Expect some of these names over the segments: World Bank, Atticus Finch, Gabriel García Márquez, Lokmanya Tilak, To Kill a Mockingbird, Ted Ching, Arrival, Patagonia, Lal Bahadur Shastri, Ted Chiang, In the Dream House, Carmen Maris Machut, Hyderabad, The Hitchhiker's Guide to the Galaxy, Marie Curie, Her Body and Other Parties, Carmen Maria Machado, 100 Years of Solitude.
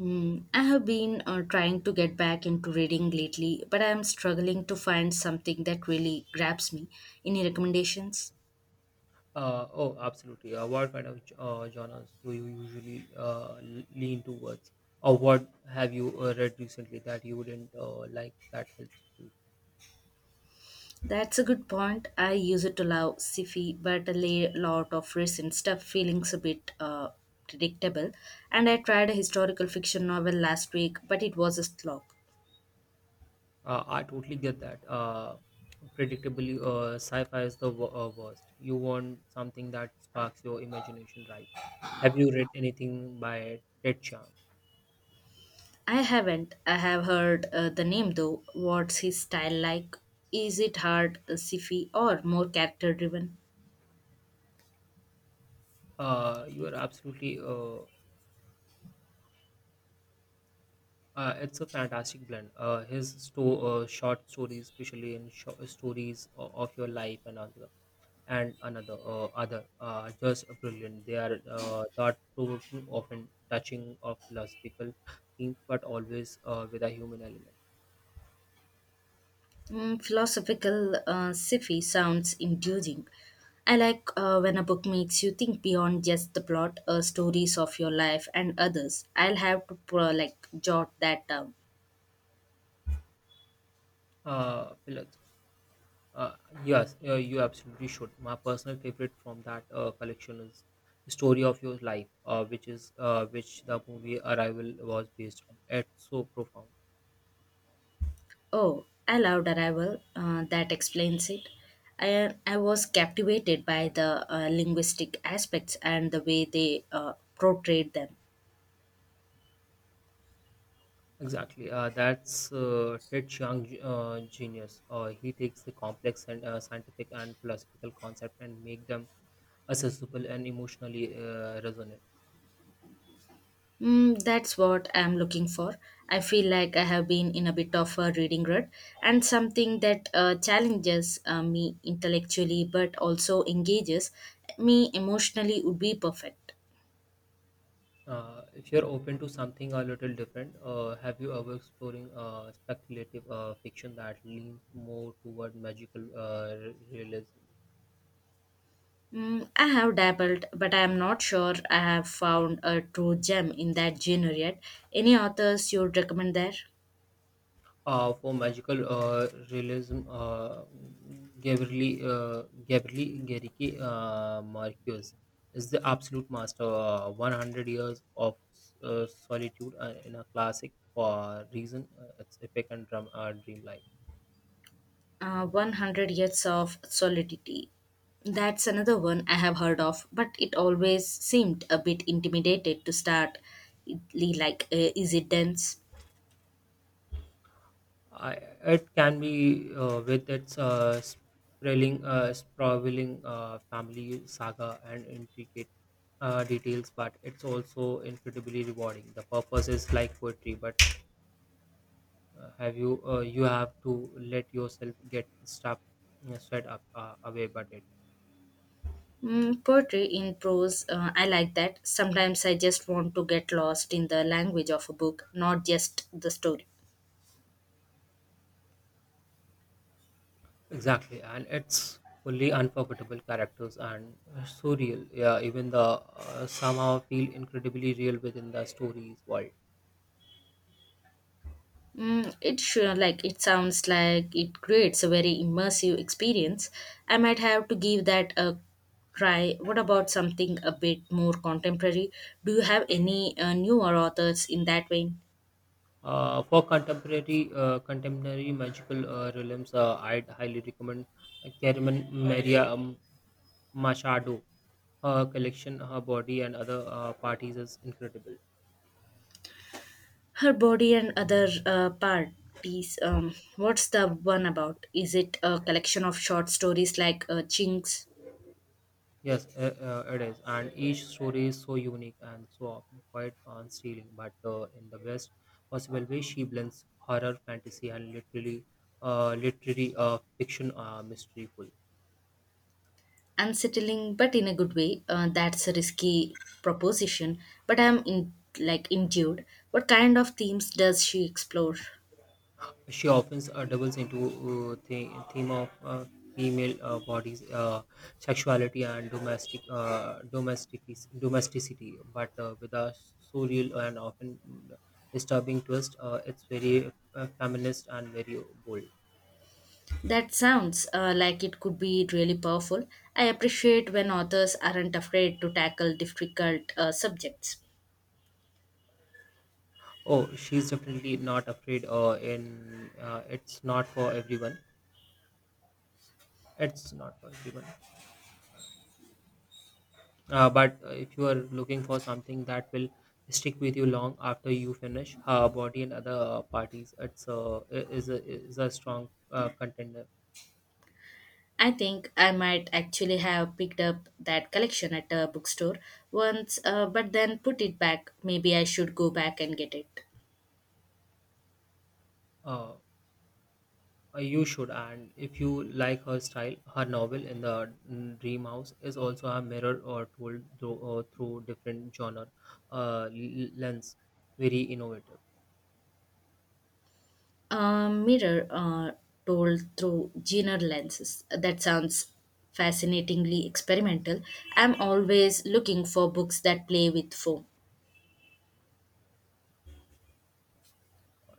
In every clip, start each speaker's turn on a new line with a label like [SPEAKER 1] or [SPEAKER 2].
[SPEAKER 1] I have been trying to get back into reading lately, but I am struggling to find something that really grabs me. Any recommendations?
[SPEAKER 2] Oh, absolutely. What kind of genres do you usually lean towards, or what have you read recently that you wouldn't like that helps you?
[SPEAKER 1] That's a good point. I used to love sci-fi, but lot of recent stuff feelings a bit predictable. And I tried a historical fiction novel last week, but it was a slog.
[SPEAKER 2] I totally get that. Predictably, sci-fi is the worst. You want something that sparks your imagination, right? Have you read anything by Ted Chiang?
[SPEAKER 1] I haven't. I have heard the name though. What's his style like? Is it hard, sci-fi, or more character-driven?
[SPEAKER 2] You are absolutely. It's a fantastic blend. His short stories, especially in short stories of Your Life and Other and another are just brilliant. They are thought-provoking, often touching of philosophical themes, but always with a human element.
[SPEAKER 1] Philosophical sci-fi sounds enduring. I like when a book makes you think beyond just the plot, stories of your life and others. I'll have to jot that down.
[SPEAKER 2] Uh, philo- uh, yes, you absolutely should. My personal favorite from that collection is Story of Your Life, which the movie Arrival was based on. It's so profound.
[SPEAKER 1] Oh, I loved Arrival. That explains it. I was captivated by the linguistic aspects and the way they portrayed them.
[SPEAKER 2] Exactly. That's Ted Chiang genius. He takes a complex and scientific and philosophical concept and make them accessible and emotionally resonant.
[SPEAKER 1] That's what I'm looking for. I feel like I have been in a bit of a reading rut, and something that challenges me intellectually but also engages me emotionally would be perfect.
[SPEAKER 2] If you're open to something a little different, have you ever exploring speculative fiction that leans more toward magical realism?
[SPEAKER 1] I have dabbled, but I am not sure I have found a true gem in that genre yet. Any authors you'd recommend there?
[SPEAKER 2] For magical realism, Gabrieli Gariki Marquez is the absolute master. 100 years of solitude in a classic for reason. It's epic and dreamlike.
[SPEAKER 1] 100 years of solidity, that's another one I have heard of, but it always seemed a bit intimidated to start. Is it dense?
[SPEAKER 2] I, it can be with its sprawling family saga and intricate details, but it's also incredibly rewarding. The purpose is like poetry, but have you you have to let yourself get stuff sweat up away but it
[SPEAKER 1] Poetry in prose, I like that. Sometimes I just want to get lost in the language of a book, not just the story.
[SPEAKER 2] exactly, and it's fully unforgettable characters and surreal, yeah, even the somehow feel incredibly real within the story's world.
[SPEAKER 1] It sounds like it creates a very immersive experience. I might have to give that a try. What about something a bit more contemporary? Do you have any newer authors in that vein?
[SPEAKER 2] For contemporary magical realms, I'd highly recommend Carmen Maria Machado. Her collection, Her Body and Other Parties, is incredible.
[SPEAKER 1] Her body and other parties. What's the one about? Is it a collection of short stories like Chinks?
[SPEAKER 2] Yes, it is, and each story is so unique and so often quite unsealing. But in the best possible way, she blends horror, fantasy, and literary fiction are mysteryful.
[SPEAKER 1] Unsettling but in a good way, that's a risky proposition, but I'm in. Like intuit What kind of themes does she explore?
[SPEAKER 2] She often doubles into the theme of female bodies, sexuality, and domesticity, but with a surreal and often disturbing twist. It's very feminist and very bold.
[SPEAKER 1] That sounds like it could be really powerful. I appreciate when authors aren't afraid to tackle difficult subjects.
[SPEAKER 2] Oh, she's definitely not afraid. In It's not for everyone. It's not for everyone. But if you are looking for something that will stick with you long after you finish, Her Body and Other Parties, is a strong contender.
[SPEAKER 1] I think I might actually have picked up that collection at a bookstore once, but then put it back. Maybe I should go back and get it.
[SPEAKER 2] Uh, you should. And if you like her style, her novel In the Dream House is also a mirror or told through different genre lens. Very innovative.
[SPEAKER 1] A mirror told through Jenner lenses. That sounds fascinatingly experimental. I'm always looking for books that play with foam.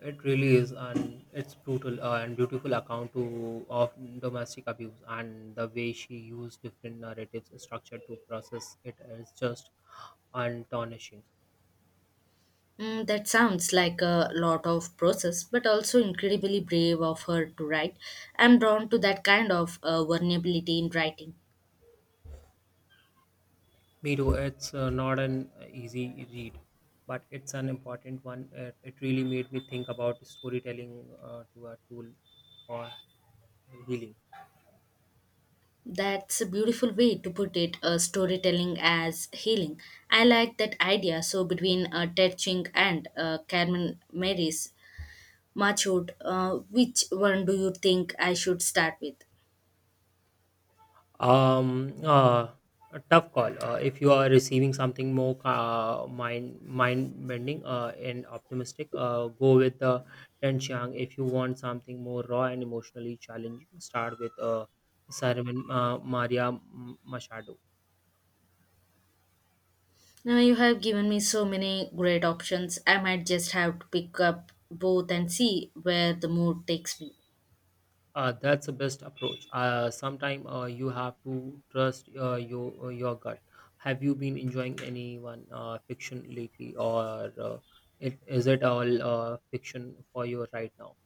[SPEAKER 2] It really is, an it's brutal and beautiful account to of domestic abuse, and the way she used different narratives structure to process it is just astonishing.
[SPEAKER 1] That sounds like a lot of process, but also incredibly brave of her to write. I'm drawn to that kind of vulnerability in writing.
[SPEAKER 2] Me too. It's not an easy read, but it's an important one. It really made me think about storytelling to a tool for healing.
[SPEAKER 1] That's a beautiful way to put it, storytelling as healing. I like that idea. So, between Ted Ching and Carmen Maris, Machut, which one do you think I should start with?
[SPEAKER 2] Um, uh, a tough call. If you are receiving something more mind bending and optimistic, go with the Ten Chiang. If you want something more raw and emotionally challenging, start with Simon Maria Machado.
[SPEAKER 1] Now you have given me so many great options. I might just have to pick up both and see where the mood takes me.
[SPEAKER 2] That's the best approach. Sometimes you have to trust your gut. Have you been enjoying anyone fiction lately, or is it all fiction for you right now?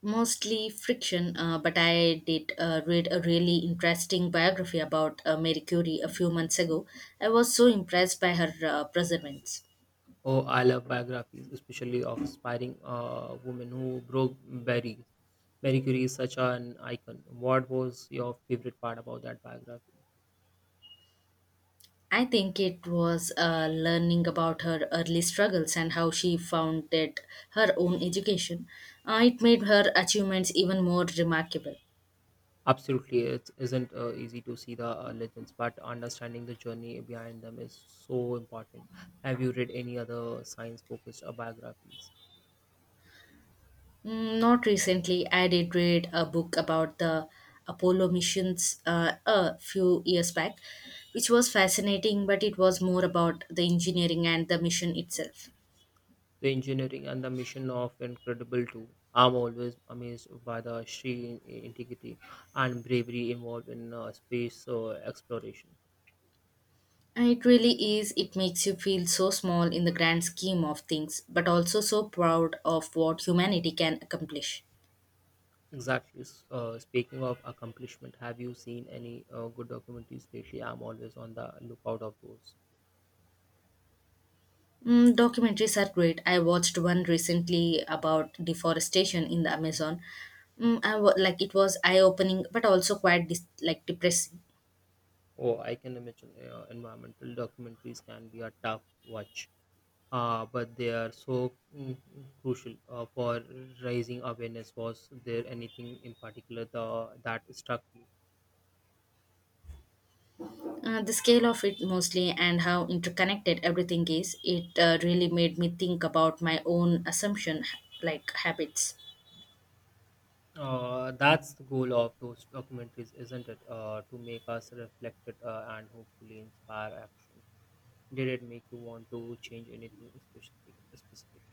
[SPEAKER 1] Mostly friction, but I did read a really interesting biography about Marie Curie a few months ago. I was so impressed by her perseverance.
[SPEAKER 2] Oh, I love biographies, especially of aspiring women who broke Barry. Marie Curie is such an icon. What was your favorite part about that biography?
[SPEAKER 1] I think it was learning about her early struggles and how she founded her own education. It made her achievements even more remarkable.
[SPEAKER 2] Absolutely, it isn't easy to see the legends, but understanding the journey behind them is so important. Have you read any other science focused biographies?
[SPEAKER 1] Not recently. I did read a book about the Apollo missions a few years back, which was fascinating, but it was more about the engineering and the mission itself.
[SPEAKER 2] The engineering and the mission of Incredible too. I'm always amazed by the sheer integrity and bravery involved in space exploration.
[SPEAKER 1] And it really is. It makes you feel so small in the grand scheme of things, but also so proud of what humanity can accomplish.
[SPEAKER 2] Exactly. Speaking of accomplishment, have you seen any good documentaries lately? I'm always on the lookout of those.
[SPEAKER 1] Documentaries are great. I watched one recently about deforestation in the Amazon. Mm, I wa- like It was eye-opening, but also quite dis- like depressing.
[SPEAKER 2] Oh, I can imagine environmental documentaries can be a tough watch, but they are so crucial for raising awareness. Was there anything in particular that struck you?
[SPEAKER 1] The scale of it mostly, and how interconnected everything is. It really made me think about my own assumption like habits.
[SPEAKER 2] That's the goal of those documentaries, isn't it? To make us reflected and hopefully inspire action. Did it make you want to change anything specific? Specific.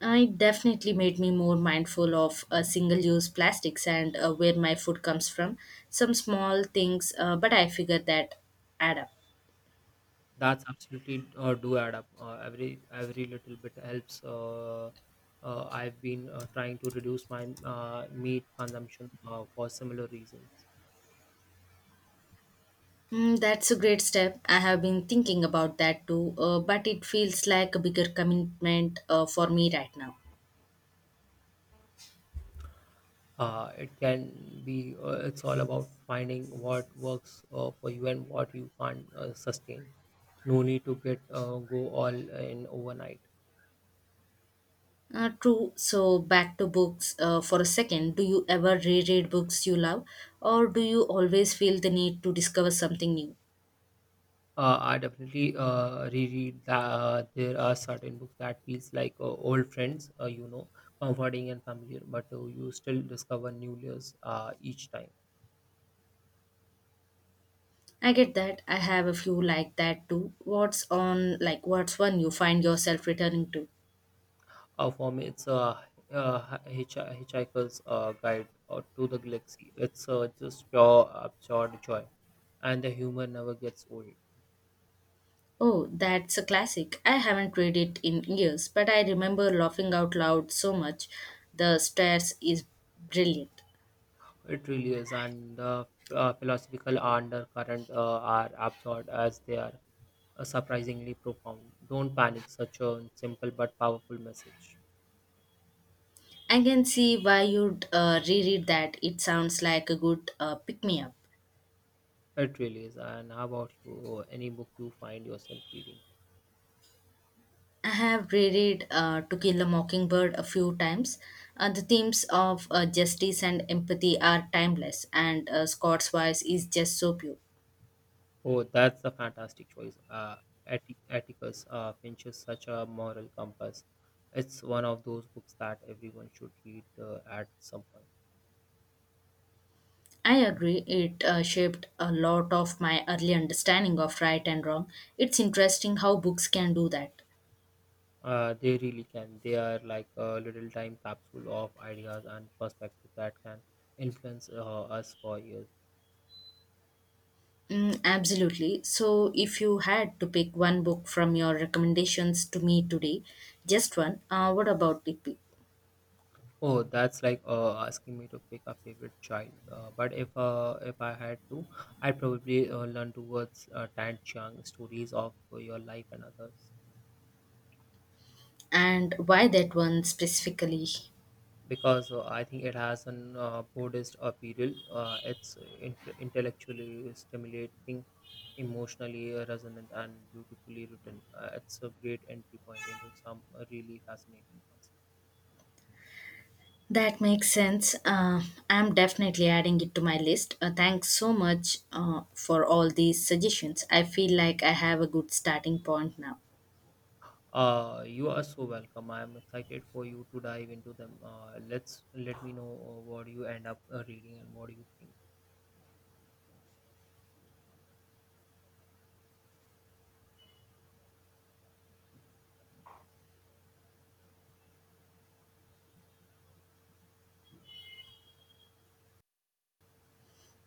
[SPEAKER 1] It definitely made me more mindful of single-use plastics and where my food comes from. Some small things, but I figure that add up.
[SPEAKER 2] That's absolutely do add up. Every little bit helps. I've been trying to reduce my meat consumption for similar reasons.
[SPEAKER 1] That's a great step. I have been thinking about that too, but it feels like a bigger commitment for me right now.
[SPEAKER 2] It can be. It's all about finding what works for you and what you can't sustain. No need to get go all in overnight.
[SPEAKER 1] True. So back to books for a second. Do you ever reread books you love, or do you always feel the need to discover something new?
[SPEAKER 2] I definitely reread that there are certain books that feels like old friends, comforting and familiar, but you still discover new layers each time.
[SPEAKER 1] I get that. I have a few like that too. What's on like What's one you find yourself returning to?
[SPEAKER 2] For me, it's Hitchhiker's Guide to the Galaxy. It's just pure absurd joy, and the humor never gets old.
[SPEAKER 1] Oh, that's a classic. I haven't read it in years, but I remember laughing out loud so much. The stairs is brilliant.
[SPEAKER 2] It really is, and the philosophical undercurrent are absorbed as they are surprisingly profound. Don't panic, such a simple but powerful message.
[SPEAKER 1] I can see why you'd reread that. It sounds like a good pick me up.
[SPEAKER 2] It really is. And how about you? Any book you find yourself reading?
[SPEAKER 1] I have reread To Kill a Mockingbird a few times. The themes of justice and empathy are timeless, and Scott's voice is just so pure.
[SPEAKER 2] Oh, that's a fantastic choice. Atticus Finch is such a moral compass. It's one of those books that everyone should read at some point.
[SPEAKER 1] I agree, it shaped a lot of my early understanding of right and wrong. It's interesting how books can do that.
[SPEAKER 2] They really can. They are like a little time capsule of ideas and perspective that can influence us for years.
[SPEAKER 1] Absolutely. So, if you had to pick one book from your recommendations to me today, just one, what about it? Be-
[SPEAKER 2] Oh, that's like asking me to pick a favorite child. But if I had to, I'd probably learn towards Tan Chiang Stories of Your Life and Others.
[SPEAKER 1] And why that one specifically?
[SPEAKER 2] Because I think it has an Buddhist appeal. It's intellectually stimulating, emotionally resonant, and beautifully written. It's a great entry point into some really fascinating concept.
[SPEAKER 1] That makes sense. I'm definitely adding it to my list. Thanks so much for all these suggestions. I feel like I have a good starting point now.
[SPEAKER 2] You are so welcome. I am excited for you to dive into them. Let me know what you end up reading and what do you think.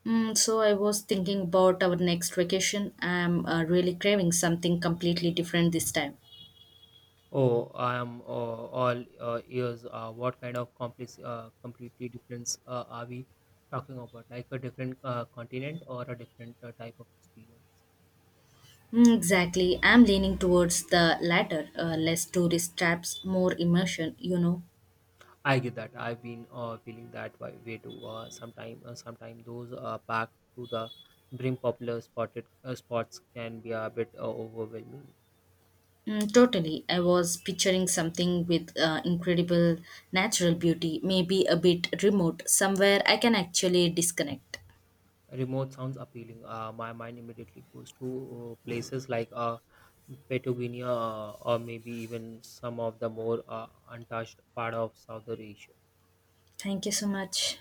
[SPEAKER 1] So I was thinking about our next vacation. I'm really craving something completely different this time.
[SPEAKER 2] Oh, I am all ears. What kind of completely difference are we talking about? Like a different continent or a different type of experience?
[SPEAKER 1] Exactly. I'm leaning towards the latter, less tourist traps, more immersion, you know.
[SPEAKER 2] I get that. I've been feeling that way, way too. Sometime those back to the bring popular spotted spots can be a bit overwhelming.
[SPEAKER 1] Totally. I was picturing something with incredible natural beauty, maybe a bit remote, somewhere I can actually disconnect.
[SPEAKER 2] Remote sounds appealing. My mind immediately goes to places like Patagonia or maybe even some of the more untouched part of Southern Asia.
[SPEAKER 1] Thank you so much.